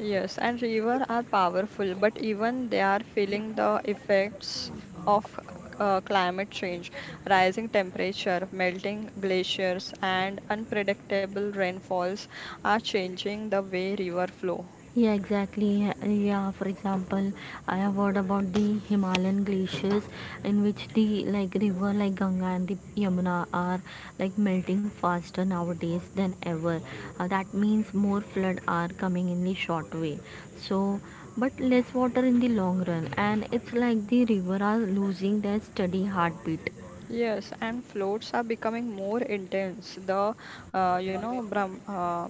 [SPEAKER 1] Yes, and river are powerful, but even they are feeling the effects of climate change. Rising temperature, melting glaciers, and unpredictable rainfalls are changing the way river flow.
[SPEAKER 2] Yeah, exactly. Yeah, for example, I have heard about the Himalayan glaciers in which the like river like Ganga and the Yamuna are like melting faster nowadays than ever. That means more flood are coming in the short way. So, but less water in the long run, and it's like the river are losing their steady heartbeat.
[SPEAKER 1] Yes, and floats are becoming more intense. You know,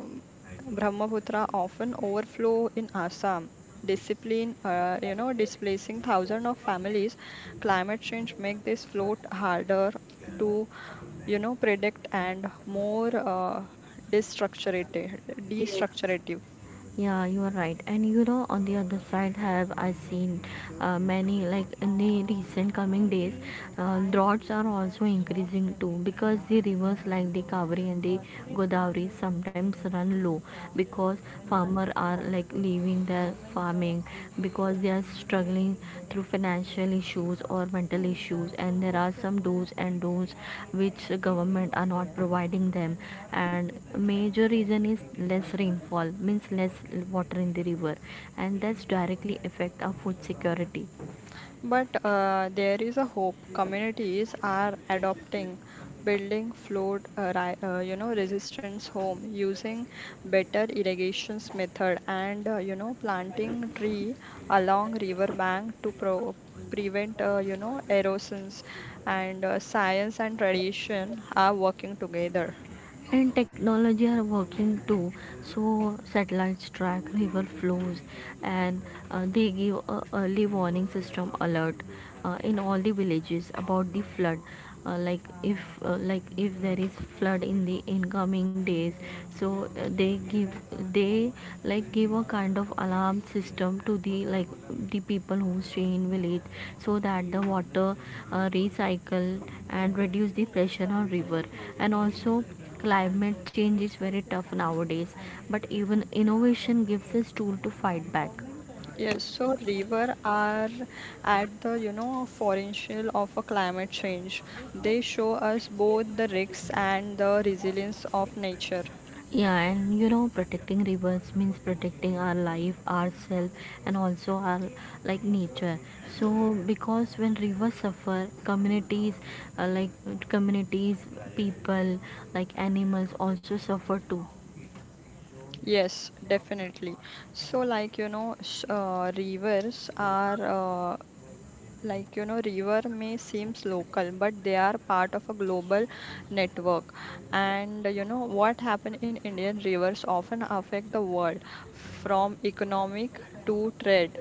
[SPEAKER 1] Brahmaputra often overflow in Assam. Discipline, you know, displacing thousands of families. Climate change make this float harder to, you know, predict and more destructurative,
[SPEAKER 2] Yes.
[SPEAKER 1] destructurative.
[SPEAKER 2] Yeah, you are right. And you know, on the other side, have I seen many like in the recent coming days, droughts are also increasing too, because the rivers like the Kaveri and the Godavari sometimes run low because farmer are like leaving their farming coming because they are struggling through financial issues or mental issues, and there are some do's and don'ts which government are not providing them. And major reason is less rainfall means less water in the river, and that's directly affect our food security.
[SPEAKER 1] But there is a hope. Communities are adopting, building flood, you know, resistance home using better irrigations method and you know planting tree along river bank to pro prevent you know erosions. And science and tradition are working together.
[SPEAKER 2] And technology are working too. So satellites track river flows, and they give a early warning system alert in all the villages about the flood. uh, like if like if there is flood in the incoming days, so they give they like give a kind of alarm system to the like the people who stay in village, so that the water recycle and reduce the pressure on river. And also climate change is very tough nowadays, but even innovation gives us tool to fight back.
[SPEAKER 1] Yes, so river are at the, you know, potential of a climate change. They show us both the risks and the resilience of nature.
[SPEAKER 2] Yeah, and you know, protecting rivers means protecting our life ourselves and also our like nature. So because when rivers suffer, communities like communities people like animals also suffer too.
[SPEAKER 1] Yes, definitely. So, like, you know, rivers are, uh, like, you know, river may seems local, but they are part of a global network. And, you know, what happen in Indian rivers often affect the world from economic to trade.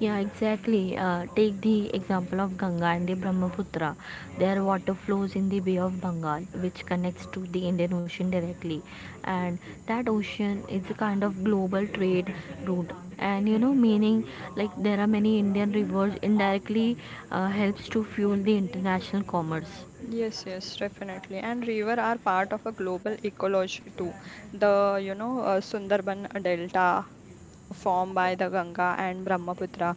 [SPEAKER 2] Yeah, exactly. Take the example of Ganga and the Brahmaputra. Their water flows in the Bay of Bengal, which connects to the Indian Ocean directly. And that ocean is a kind of global trade route. And you know, meaning like there are many Indian rivers indirectly helps to fuel the international commerce.
[SPEAKER 1] Yes, definitely. And river are part of a global ecology too. You know, Sundarban Delta formed by the Ganga and Brahmaputra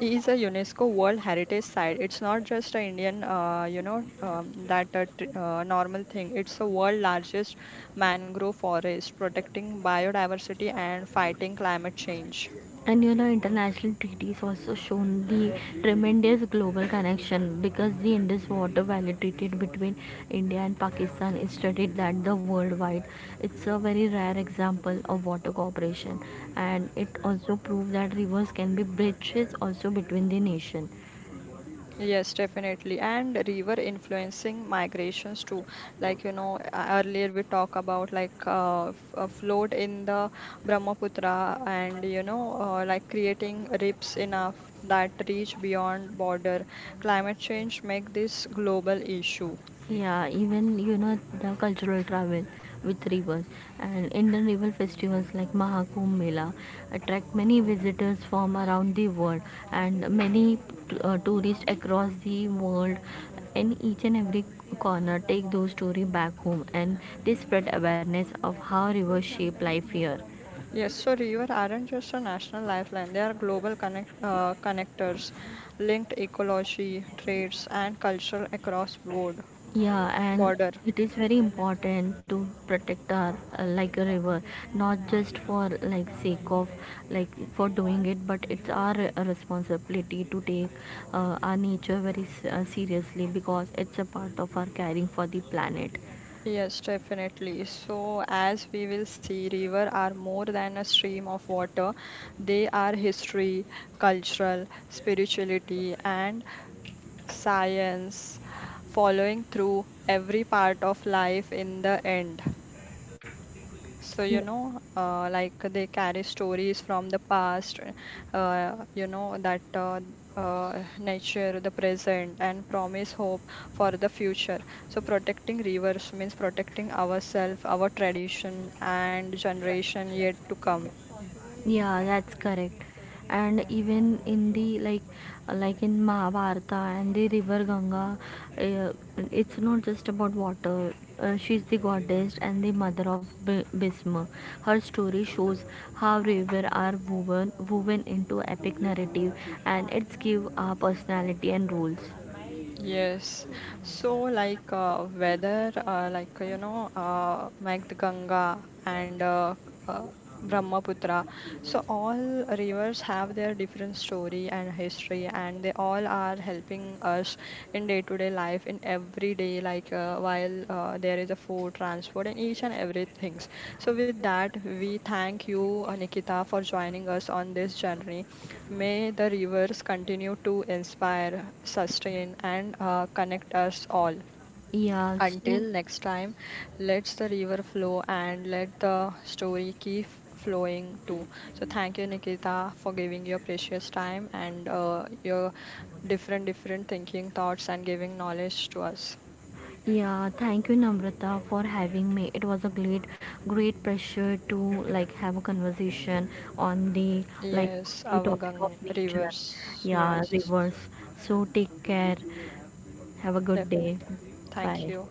[SPEAKER 1] is a UNESCO World Heritage Site. It's not just a Indian, normal thing. It's the world largest mangrove forest, protecting biodiversity and fighting climate change.
[SPEAKER 2] And you know, international treaties also shown the tremendous global connection, because the Indus water valley treaty between India and Pakistan is studied that the worldwide, it's a very rare example of water cooperation. And it also proved that rivers can be bridges also between the nation.
[SPEAKER 1] Yes, definitely. And river influencing migrations too. Like, you know, earlier we talk about like a flood in the Brahmaputra and, you know, like creating rips enough that reach beyond border. Climate change make this global issue.
[SPEAKER 2] Yeah, even you know, the cultural travel with rivers, and Indian river festivals like Mahakumbh Mela attract many visitors from around the world. And many tourists across the world in each and every corner take those stories back home, and they spread awareness of how rivers shape life here.
[SPEAKER 1] Yes, so river aren't just a national lifeline. They are global connectors, linked ecology, trades, and culture across board
[SPEAKER 2] Yeah, and
[SPEAKER 1] border.
[SPEAKER 2] it is very important to protect our a river, not just for like sake of like for doing it, but it's our responsibility to take our nature very seriously, because it's a part of our caring for the planet.
[SPEAKER 1] Yes, definitely. So, as we will see, river are more than a stream of water. They are history, cultural, spirituality, and science, following through every part of life in the end. So
[SPEAKER 2] Yeah.
[SPEAKER 1] you know like they carry stories from the past, you know that nature the present and promise hope for the future. So protecting rivers means protecting ourselves, our tradition, and generation yet to come.
[SPEAKER 2] Yeah, that's correct. And even in the like in Mahabharata and the river Ganga, uh, it's not just about water. She's the goddess and the mother of Bhisma. Her story shows how rivers are woven into epic narrative, and it's give a personality and roles.
[SPEAKER 1] Yes. So, like, whether, like, you know, like the Ganga and uh, Brahmaputra, so all rivers have their different story and history, and they all are helping us in day-to-day life, in every day, like, while there is a food, transport, and each and every things. So, with that, we thank you, Nikita, for joining us on this journey. May the rivers continue to inspire, sustain, and connect us all.
[SPEAKER 2] Yeah, so
[SPEAKER 1] Until next time, let the river flow and let the story keep flowing too. So, thank you, Nikita, for giving your precious time and your different, different thinking thoughts and giving knowledge to us.
[SPEAKER 2] yeah, thank you Namrata for having me. It was a great pleasure to like have a conversation on the like
[SPEAKER 1] Yes,
[SPEAKER 2] the
[SPEAKER 1] our
[SPEAKER 2] topic of
[SPEAKER 1] Gang
[SPEAKER 2] nature.
[SPEAKER 1] rivers.
[SPEAKER 2] Yeah,
[SPEAKER 1] Yes,
[SPEAKER 2] rivers. So take care. Have a good
[SPEAKER 1] definitely.
[SPEAKER 2] day.
[SPEAKER 1] Thank
[SPEAKER 2] Bye.
[SPEAKER 1] you.